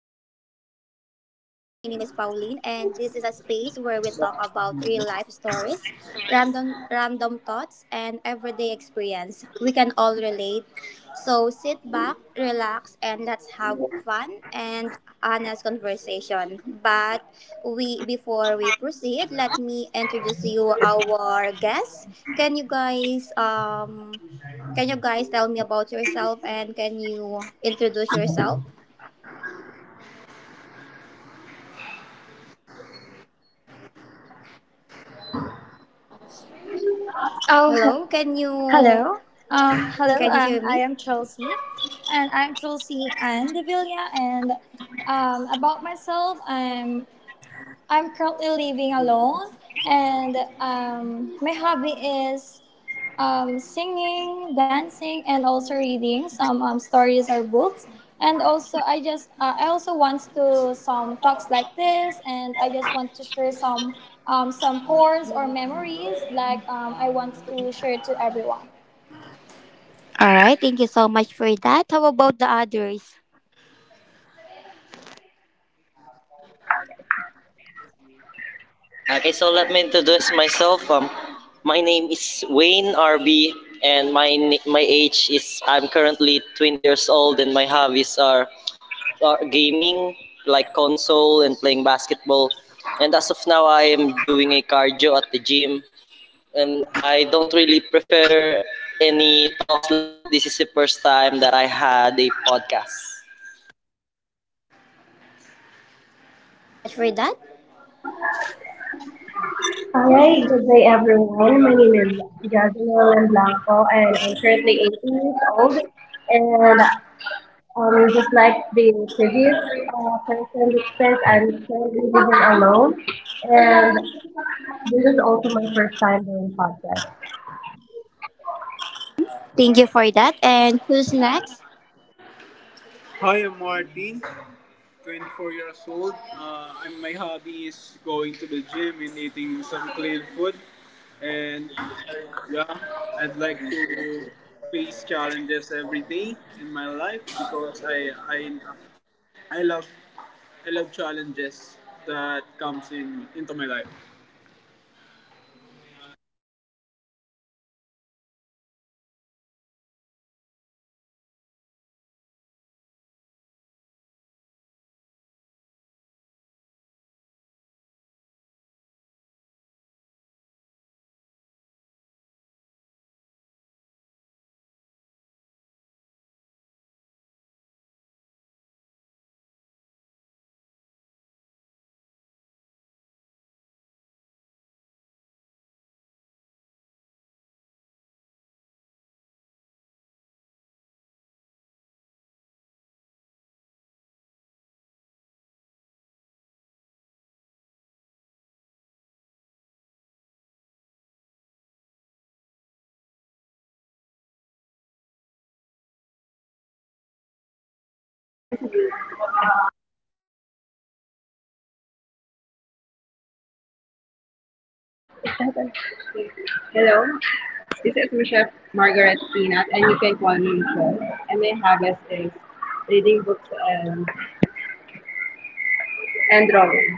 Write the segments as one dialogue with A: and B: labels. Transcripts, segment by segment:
A: welcome to the podcast. My name is Pauline and this is a space where we talk about real life stories, random thoughts and everyday experience. We can all relate. So sit back, relax and let's have fun and honest conversation. But we before we proceed, let me introduce you our guests. Can you guys can you guys tell me about yourself and can you introduce yourself?
B: Oh, he-
A: Hello, can you
B: Hello. Hello.
A: can you hear
B: I
A: me?
B: am Chelsea, and Devilla. And about myself, I'm currently living alone, and my hobby is singing, dancing, and also reading some stories or books. And also, I also want to some talks like this, and I just want to share some cores or memories like I want to share to everyone.
A: All right, thank you so much for that. How about the others?
C: Okay, so let me introduce myself. My name is Wayne RB, and my age is I'm currently 20 years old, and my hobbies are gaming, like console and playing basketball. And as of now, I am doing a cardio at the gym, and I don't really prefer any talks like this. This is the first time that I had a podcast.
A: Mm-hmm. Thank you so much for that.
D: All right, good day, everyone. My name is Jasmine Blanco and I'm currently 18 years old. And just like the previous person that spent, I'm currently living alone. And this is also my first time doing podcast.
A: Thank you for that. And who's next?
E: Hi, I'm Martin, 24 years old. My hobby is going to the gym and eating some clean food. And yeah, I'd like to face challenges every day in my life because I love I love challenges that comes in into my life.
D: Hello, this is Michelle Margaret Peanut, and you can call me Michelle. And my hobbies is reading books and, and drawing.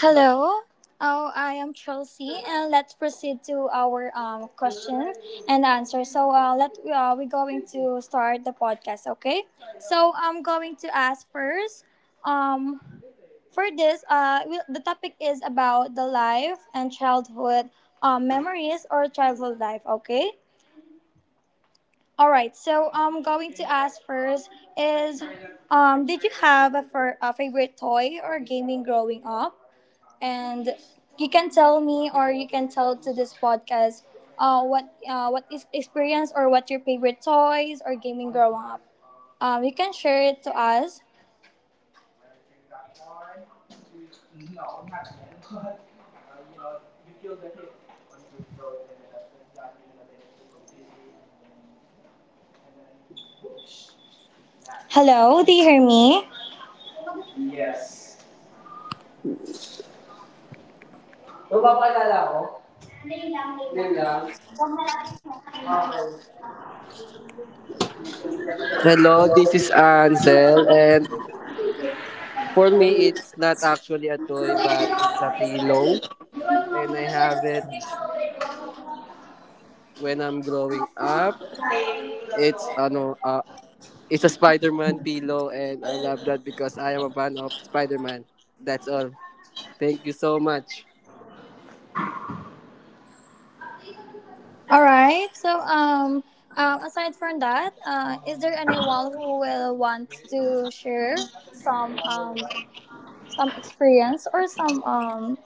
B: Hello. Oh, I am Chelsea, and let's proceed to our question and answer. So, let we're going to start the podcast, okay? So, I'm going to ask first. Um, For this, we, the topic is about the life and childhood memories or childhood life. Okay. All right. So I'm going to ask first is, did you have a favorite toy or gaming growing up? And you can tell me, or you can tell to this podcast, what is experience or what your favorite toys or gaming growing up. You can share it to us. Hello, do you hear me?
F: Hello, this is Ansel, and for me, it's not actually a toy, but it's a pillow, and I have it when I'm growing up. It's ano, it's a Spider-Man pillow, and I love that because I am a fan of Spider-Man. That's all. Thank you so much.
B: All right. So, aside from that, is there anyone who will want to share some experience or some um,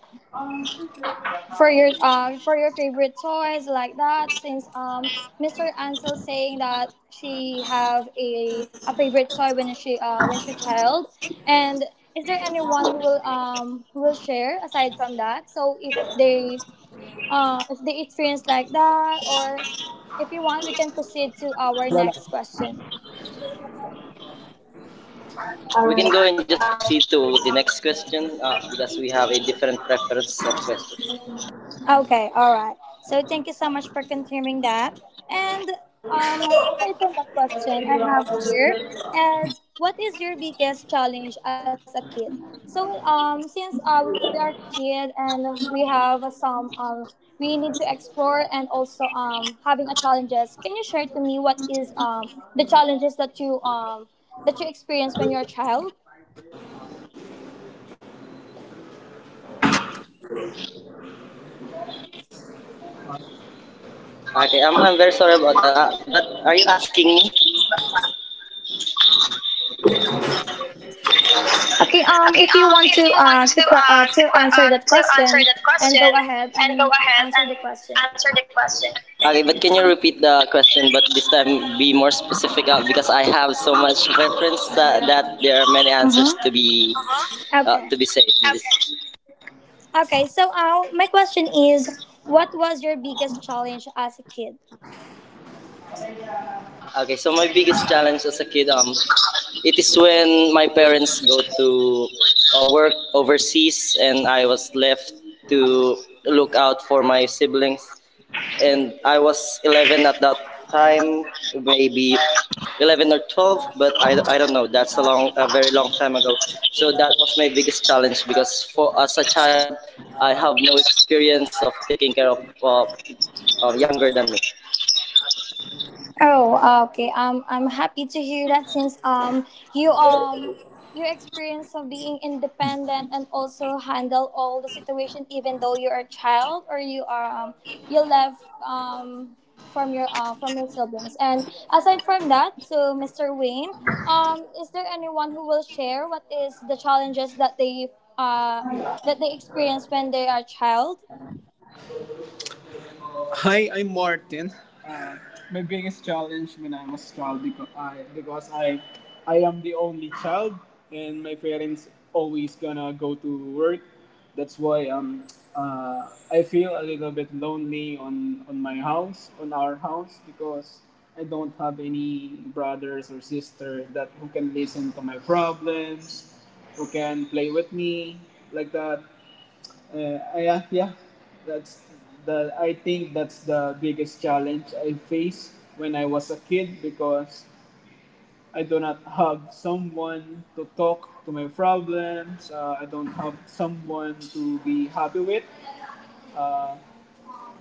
B: for your um for your favorite toys like that? Since Mr. Ansel saying that she have a favorite toy when she child, and is there anyone who will share aside from that? So if they experience like that, or if you want, we can proceed to our next question.
C: We
D: Alright.
C: can go and just proceed to the next question because we have a different preference of questions.
B: Okay, all right. So thank you so much for confirming that. And aside from that question, I have here is what is your biggest challenge as a kid? So since we are kid and we have some we need to explore and also having a challenges. Can you share to me what is the challenges that you experience when you're a child?
C: Okay, I'm very sorry about that. But are you asking me?
B: Okay, if
C: Okay,
B: you want to
C: if you want to
B: answer that
C: to answer
B: question,
C: that
B: and go
C: question,
B: ahead
C: and go
B: and
C: ahead
B: answer
C: and
B: the question.
C: answer the question. Okay, but can you repeat the question? But this time, be more specific because I have so much reference that there are many answers
B: Mm-hmm.
C: to be. Uh-huh. To
B: Okay.
C: be said. Okay.
B: Okay, so my question is, what was your biggest challenge as a kid?
C: Okay, so my biggest challenge as a kid, it is when my parents go to work overseas and I was left to look out for my siblings. And I was 11 at that time, maybe 11 or 12, but I don't know. That's a long, a very long time ago. So that was my biggest challenge because for as a child, I have no experience of taking care of younger than me.
B: Oh, okay. I'm happy to hear that since you your experience of being independent and also handle all the situation even though you're a child or you are you left um from your siblings. And aside from that, so Mr. Wayne, is there anyone who will share what is the challenges that they uh experience when they are child?
E: Hi, I'm Martin. Uh, my biggest challenge when I was child, because I am the only child and my parents always gonna go to work. That's why I feel a little bit lonely on my house, on our house, because I don't have any brothers or sister that who can listen to my problems, who can play with me like that. Yeah, yeah. That's the. I think that's the biggest challenge I faced when I was a kid because I do not have someone to talk to my problems. I don't have someone to be happy with. Uh,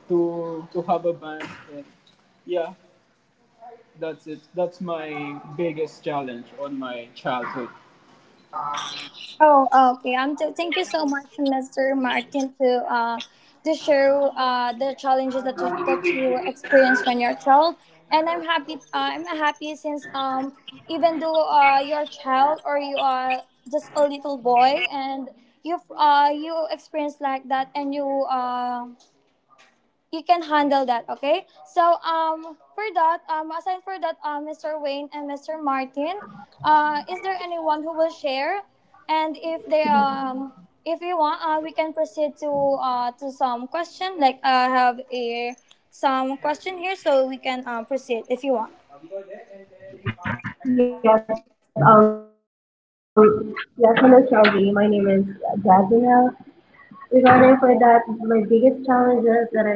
E: to have a band. And yeah, that's it. That's my biggest challenge on my childhood.
B: Oh, okay. So thank you so much, Mr. Martin, to share the challenges that that you experience when you're a child. And I'm happy. I'm happy since even though you're a child or you are just a little boy, and you experience like that, and you can handle that. Okay, so for that aside for that Mr. Wayne and Mr. Martin, is there anyone who will share and if they if you want, we can proceed to some question like I have a some question here so we can proceed if you want.
D: Yes, yes, hello, Shelby. My name is Jasmine, regarding for that, my biggest challenges that I faced during my childhood days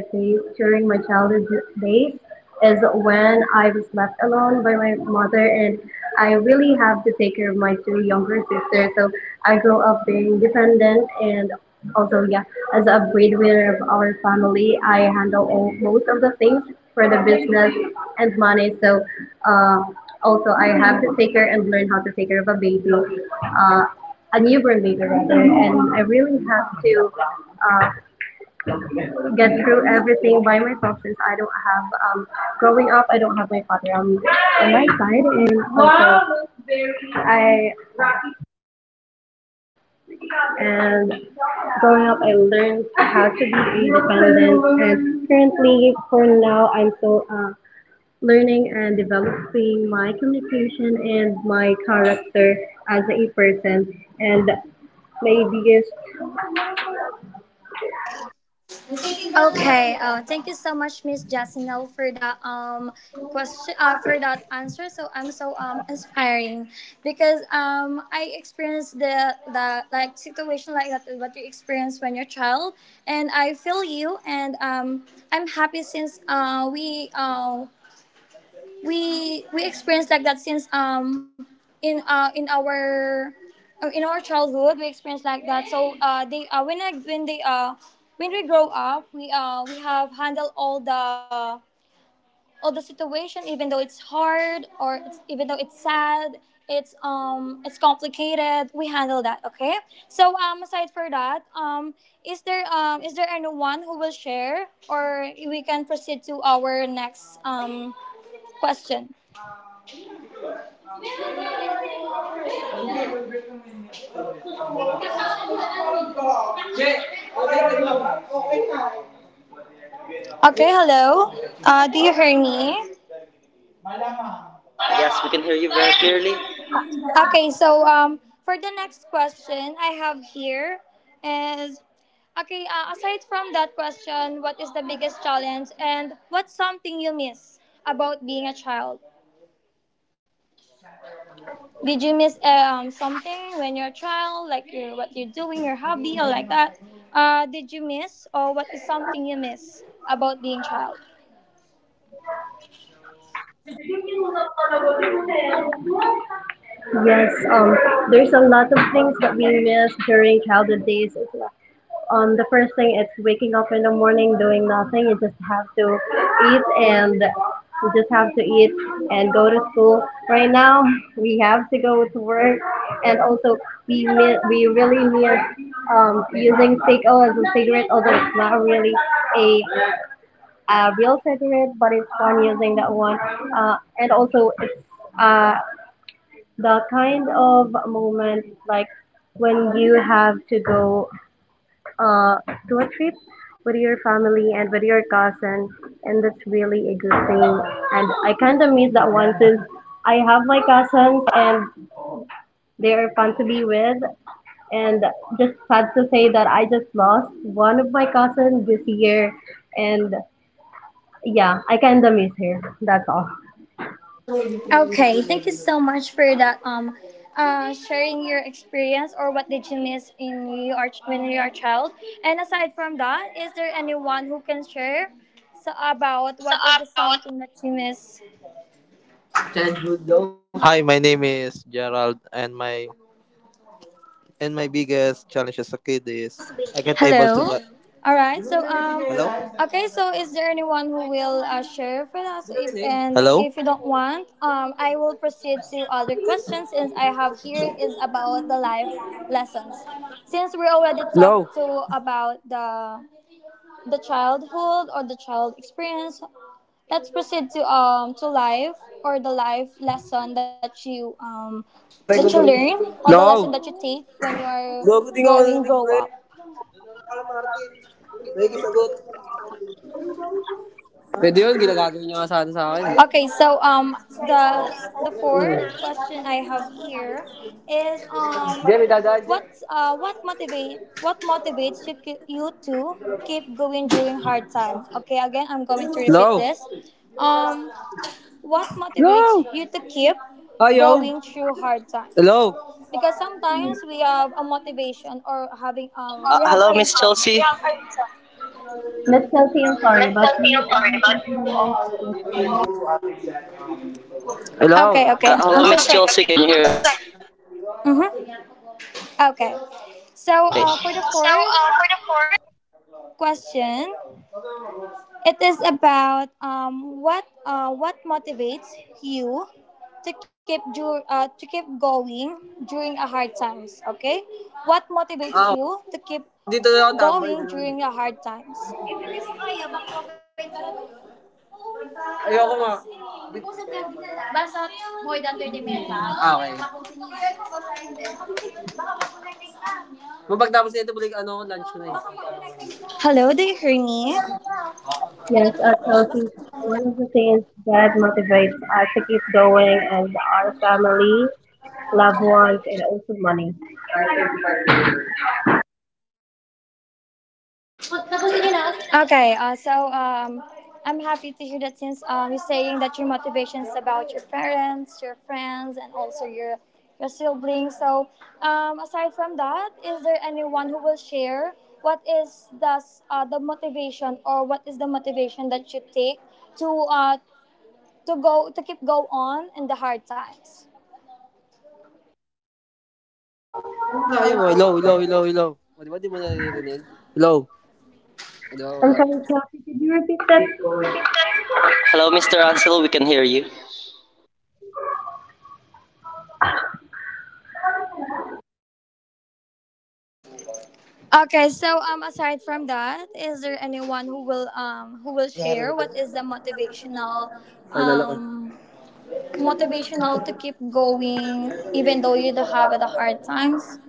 D: is when I was left alone by my mother, and I really have to take care of my two younger sisters. So I grew up being dependent, and also, yeah, as a breadwinner of our family, I handle all, most of the things for the business and money. So, uh, also, I have to take care and learn how to take care of a baby. Uh, a newborn baby rather, and I really have to uh, get through everything by myself since I don't have um, growing up. I don't have my father on my side, I and growing up, I learned how to be independent. And currently, for now, I'm still learning and developing my communication and my character as a person. And my biggest
B: Okay. Thank you so much, Miss Jasinel, for that question. For that answer. So I'm so inspiring because I experienced the like situation like that what you experience when you're child, and I feel you, and I'm happy since we experienced like that since in uh in our in our childhood we experienced like that. So they when I, when they when we grow up we have handled all the situation even though it's hard or even though it's sad, it's complicated, we handle that. Okay, so aside for that, is there anyone who will share or we can proceed to our next question. Okay, hello. Do you hear me?
C: Yes, we can hear you very clearly.
B: Okay, so for the next question I have here is okay. Aside from that question, what is the biggest challenge and what's something you miss about being a child? Did you miss something when you're a child, like your what you're doing, your hobby, or like that? Did you miss or what is something you miss about being child?
D: Yes, there's a lot of things that we miss during childhood days. The first thing is waking up in the morning doing nothing. You just have to eat and you just have to eat and go to school. Right now, we have to go to work, and also we really miss using as a cigarette. Although it's not really a a real cigarette, but it's fun using that one. And also it's uh, the kind of moment like when you have to go uh, to a trip with your family and with your cousin and that's really a good thing and I kind of miss that one since I have my cousins and they are fun to be with and just sad to say that I just lost one of my cousins this year and yeah I kind of miss her. That's all,
B: Okay, thank you so much for that. Sharing your experience or what did you miss in you are when you are a child? And aside from that, is there anyone who can share so about
C: So
B: what is the
C: about
B: something that you miss?
F: Childhood daw. Hi, my name is Gerald, and my biggest challenge as a kid is I can't able to.
B: Hello.
F: Hello,
B: All right. So
F: Gerald,
B: okay. So is there anyone who will share for us? So If
F: narinig?
B: and
F: Hello.
B: if you don't want, I will proceed to other questions since I have here is about the life lessons since we already
F: No.
B: talked to about the childhood or the child experience. Let's proceed to life or the life lesson that you learn or the lesson that
F: No.
B: you take when you are
F: Gago din ako
B: going
F: narinig,
B: grow
F: bro.
B: up.
F: Pwede yun, ginagagawin niya nga sana sa akin eh.
B: Okay, so the fourth question I have here is
F: Jerry, dadaan dyan.
B: what motivate what motivates you to keep going during hard time. Okay, again I'm going to repeat
F: Hello?
B: this. Um What motivates
F: Hello?
B: you to keep
F: Ayaw?
B: going through hard times?
F: Hello?
B: Because sometimes we have a motivation or having we have
C: Hello,
B: a
C: Miss
B: reason.
C: Chelsea. Yeah,
D: Miss Kelsey, I'm sorry
C: Miss
D: but
C: Chelsea,
D: you
C: I'm
D: are
C: sorry,
D: continuing
C: but
D: to.
F: Hello?
B: Okay, okay. I'm
C: Hello,
B: so
C: Miss
B: sorry.
C: Chelsea, can you hear us?
B: Mm-hmm. Okay.
C: Okay.
B: So
C: Okay.
B: for the
C: So,
B: fourth
C: for the fourth,
B: question, it is about what motivates you to keep going during a hard times. Okay, what motivates
F: Ah,
B: you to keep
F: dito na ako tambay,
B: going
F: ganun.
B: during your hard times?
F: Hindi ko kaya, bang okay talaga. Ayoko nga. Usap lang, basta more than 30 minutes ha. Ah, okay. Tapusin nito, balik ano, lunch ko na eh.
B: Hello, do you hear me?
D: Yes, at Chelsea, one of the things that motivates us to keep going is our family, loved ones, and also money.
B: Okay, so I'm happy to hear that since you're saying that your motivation is about your parents, your friends, and also your siblings. So aside from that, is there anyone who will share what is the motivation or what is the motivation that you take to uh, to go to keep go on in the hard times?
F: Sa akin ayaw mo, hello, hello, hello, hello. O, di di mo naririnig? Hello? O, di
D: I'm
F: wala.
D: sorry, Chelsea, could you repeat that?
C: you repeat that. Hello, Mr. Ansel, we can hear you.
B: Okay, so aside from that, is there anyone who will share what is the motivational
F: Ay, lala ka.
B: um to keep going even though you do have the hard times.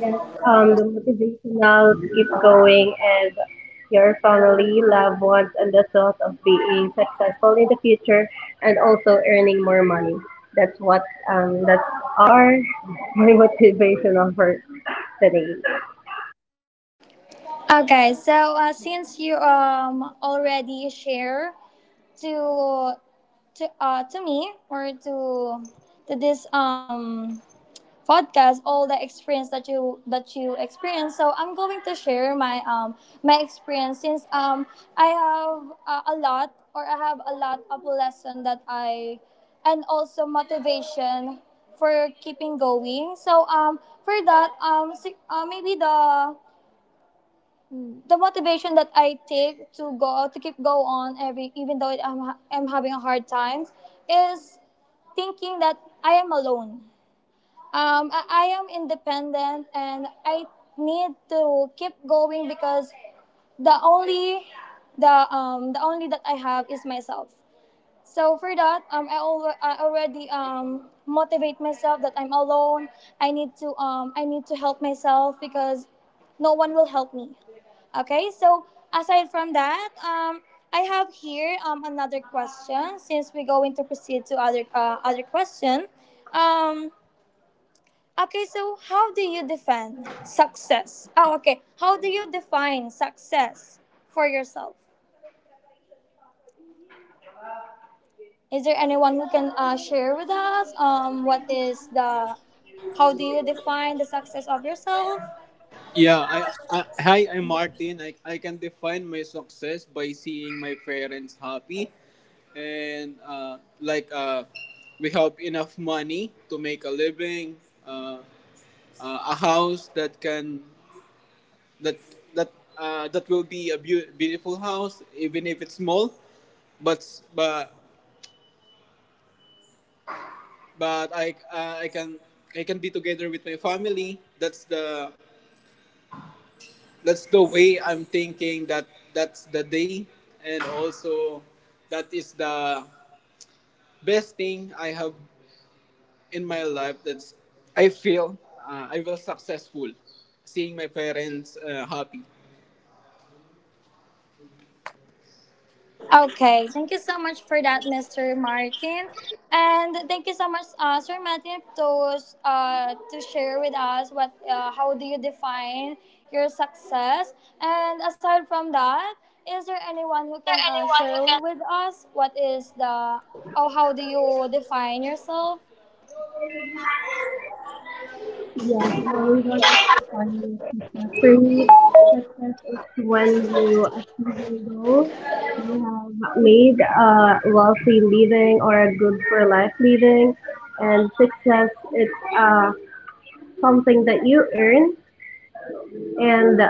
D: Yes, the motivation now to keep going is your family, loved ones, and the thought of being successful in the future and also earning more money. That's what that's our my motivation for today.
B: Okay so since you already share to to me or to this podcast, all the experience that you experience. So I'm going to share my my experience since I have I have a lot of lesson that I and also motivation for keeping going. So for that, maybe the motivation that I take to go to keep go on every even though I'm having a hard time is thinking that I am alone, I am independent and I need to keep going because the only the only that I have is myself. So for that, I already motivate myself that I'm alone. I need to help myself because no one will help me. Okay, so aside from that, I have here another question since we're going to proceed to other other question. Um, Okay, so how do you define success? Oh, okay. How do you define success for yourself? Is there anyone who can share with us what is the, how do you define the success of yourself?
E: Yeah, I hi, I'm Martin. I can define my success by seeing my parents happy and we have enough money to make a living, uh, a house that can that that that will be a beautiful house even if it's small, but but I can be together with my family. That's the way I'm thinking, that's the day, and also that is the best thing I have in my life. That's I feel I will successful seeing my parents happy.
B: Okay, thank you so much for that, Mr. Martin, and thank you so much, Sir Martin, to share with us what how do you define your success, and aside from that, is there anyone who
C: Is there
B: can
C: anyone who
B: share
C: can.
B: with us what is the or how do you define yourself?
D: Yes, regarding to the final success, for me, success is when you achieve your goal, you have made a wealthy living or a good for life living, and success is uh, something that you earn and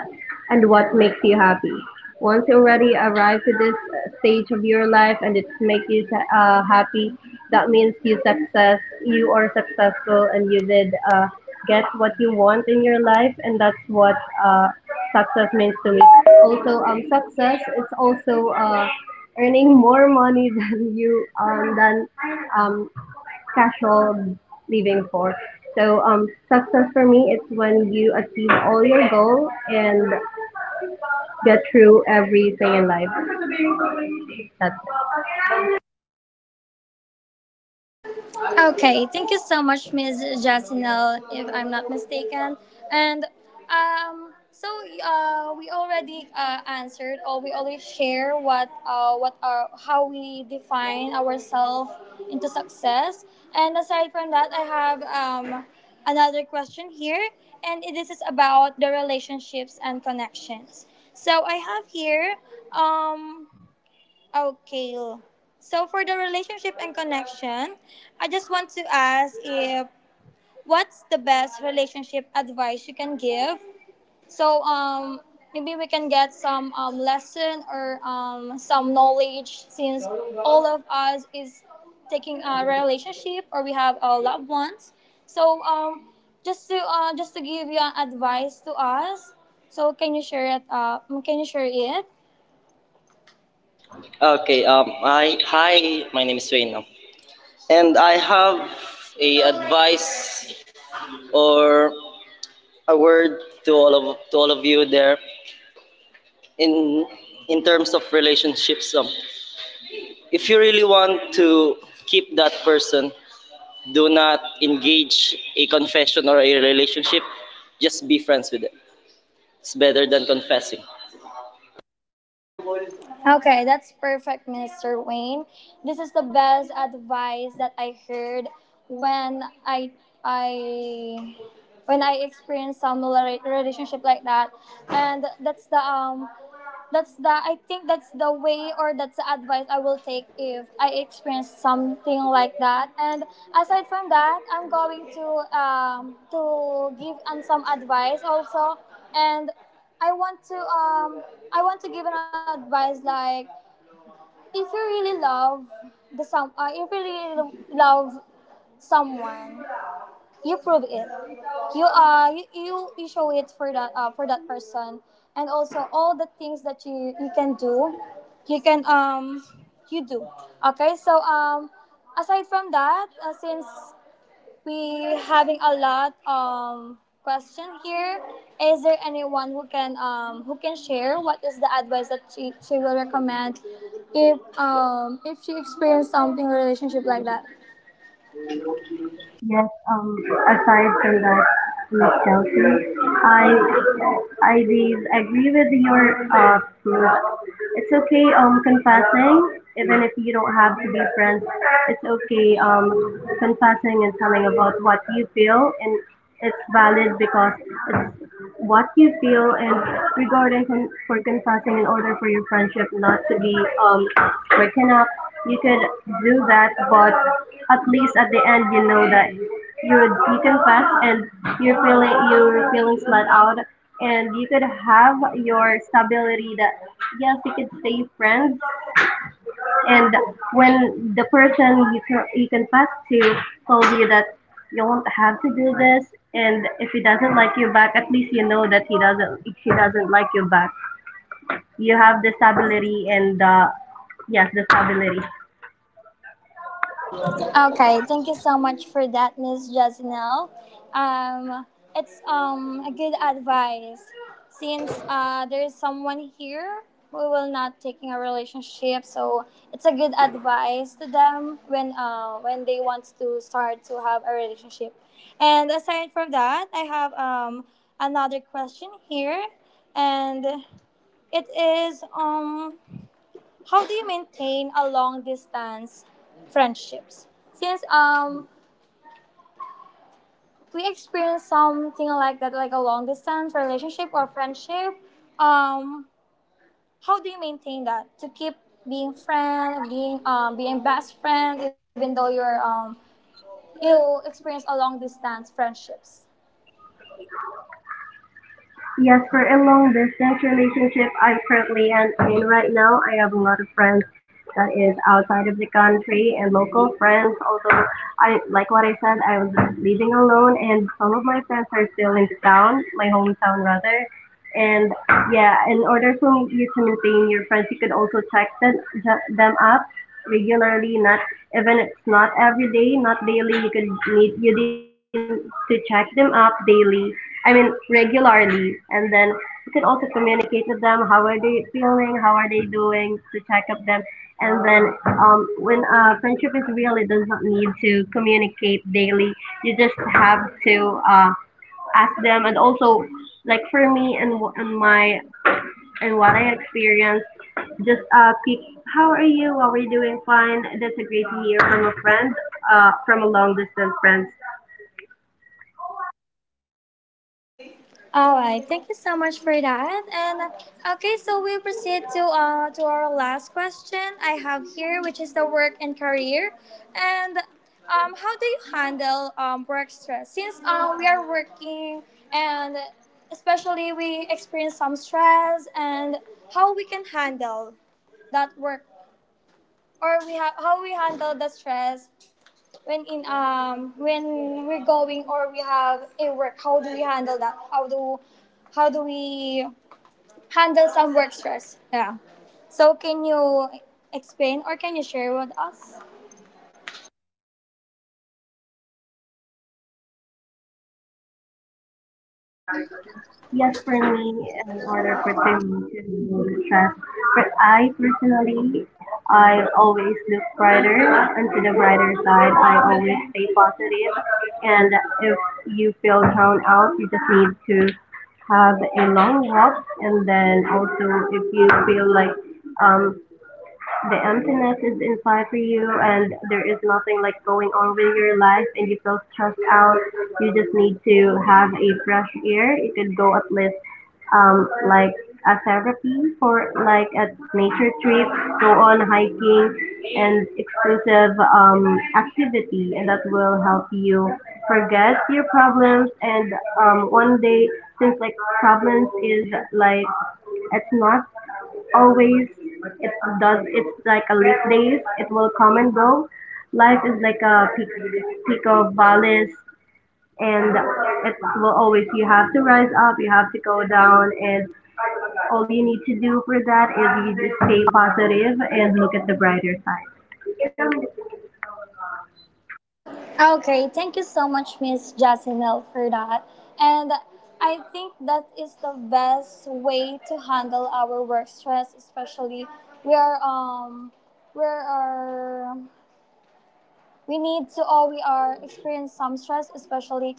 D: and what makes you happy. Once you already arrive to this stage of your life and it makes you happy, that means you success, you are successful, and you did get what you want in your life, and that's what uh, success means to me. Also, success it's also earning more money than you than um, casual living for. So success for me it's when you achieve all your goal and get through everything in life. That's it.
B: Okay, thank you so much, Ms. Jasinel, if I'm not mistaken. And so we already answered, or we already share what are how we define ourselves into success. And aside from that, I have another question here, and this is about the relationships and connections. So I have here. Um, Okay. So for the relationship and connection, I just want to ask if what's the best relationship advice you can give? So maybe we can get some lesson or some knowledge since all of us is taking a relationship or we have our loved ones. So just to give you an advice to us. So can you share it can you share it?
C: Okay, hi, my name is Wayne. No? And I have a advice or a word to all of you there in in terms of relationships. If you really want to keep that person, do not engage a confession or a relationship. Just be friends with them. It's better than confessing.
B: Okay, that's perfect, Mr. Wayne. This is the best advice that I heard when I when I experienced some relationship like that. And that's the I think that's the way or that's the advice I will take if I experience something like that. And aside from that, I'm going to give some advice also, and I want to give an advice like, if you really love the some, if you really love someone, you prove it. You you show it for that person, and also all the things that you can do, you can you do. Okay, so aside from that, since we having a lot question here. Is there anyone who can share what is the advice that she will recommend if she experienced something in a relationship like that?
D: Yes, aside from that, Miss Chelsea, I I did agree with your proof. It's okay confessing even if you don't have to be friends. It's okay confessing and telling about what you feel and it's valid because it's what you feel and regarding for confessing in order for your friendship not to be um, broken up. You could do that, but at least at the end, you know that you confess and your feeling your feelings let out, and you could have your stability that yes, you could stay friends, and when the person you confess to told you that you won't have to do this and if he doesn't like you back at least you know that he doesn't like you back. You have the stability and yes the stability.
B: Okay, thank you so much for that, Miss Jasnel. Um, it's a good advice, since there is someone here who will not taking a relationship, so it's a good advice to them when they want to start to have a relationship. And aside from that, I have another question here, and it is how do you maintain a long distance friendships? Since we experience something like that, like a long distance relationship or friendship, um, how do you maintain that to keep being friend, being best friend, even though you experience a long distance friendships?
D: Yes, for a long distance relationship, I'm currently and in right now. I have a lot of friends that is outside of the country and local friends. Also, I like what I said. I was living alone, and some of my friends are still in the town, my hometown rather. And yeah, in order for you to maintain your friends, you could also check them up regularly. Not even it's not every day, not daily. You need to check them up daily. I mean regularly, and then you can also communicate with them, how are they feeling, how are they doing, to check up them and then when friendship is real it does not need to communicate daily, you just have to ask them and also like for me and, wh- and my and what I experienced just peek, how are you, how are you doing fine, that's a great to hear from a friend from a long distance friend.
B: All right, thank you so much for that. And okay, so we'll proceed to our last question I have here, which is the work and career. And how do you handle work stress? Since we are working and especially we experience some stress, and how we can handle that work, or we how we handle the stress when in when we're going, or we have a work, how do we handle that, how do we handle some work stress? Yeah, so can you explain or can you share with us?
D: Yes, for me, in order for them to be able trust, but I personally, I always look brighter onto the brighter side. I always stay positive, and if you feel down out, you just need to have a long walk, and then also if you feel like um the emptiness is inside for you, and there is nothing like going on with your life, and you feel stressed out. You just need to have a fresh air. You could go at least like a therapy for like a nature trip, go on hiking and exclusive activity, and that will help you forget your problems. And one day, since like problems is like it's not always it does it's like a leaf days it will come and go, life is like a peak peak of valleys and it will always you have to rise up you have to go down and all you need to do for that is you just stay positive and look at the brighter side
B: Okay, thank you so much, Miss Jasinel, for that. And I think that is the best way to handle our work stress, especially we are we are we need to all, we are experience some stress, especially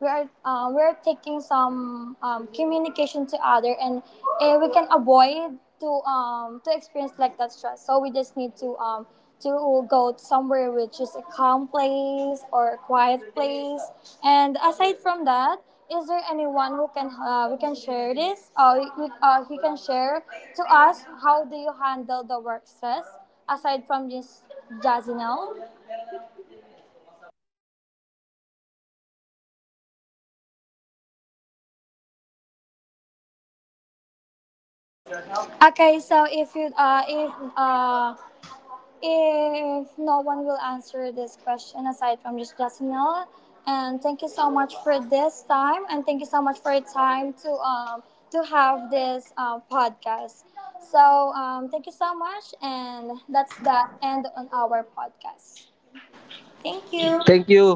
B: we are taking some communication to other, and eh, we can avoid to experience like that stress. So we just need to go somewhere which is a calm place or a quiet place. And aside from that, is there anyone who can we can share this he can share to us how do you handle the work stress aside from this Jazinel? Okay, so if you if no one will answer this question aside from just Jacinel, and thank you so much for this time, and thank you so much for your time to have this podcast. So thank you so much, and that's the end on our podcast. Thank
F: Thank
B: you.
F: you.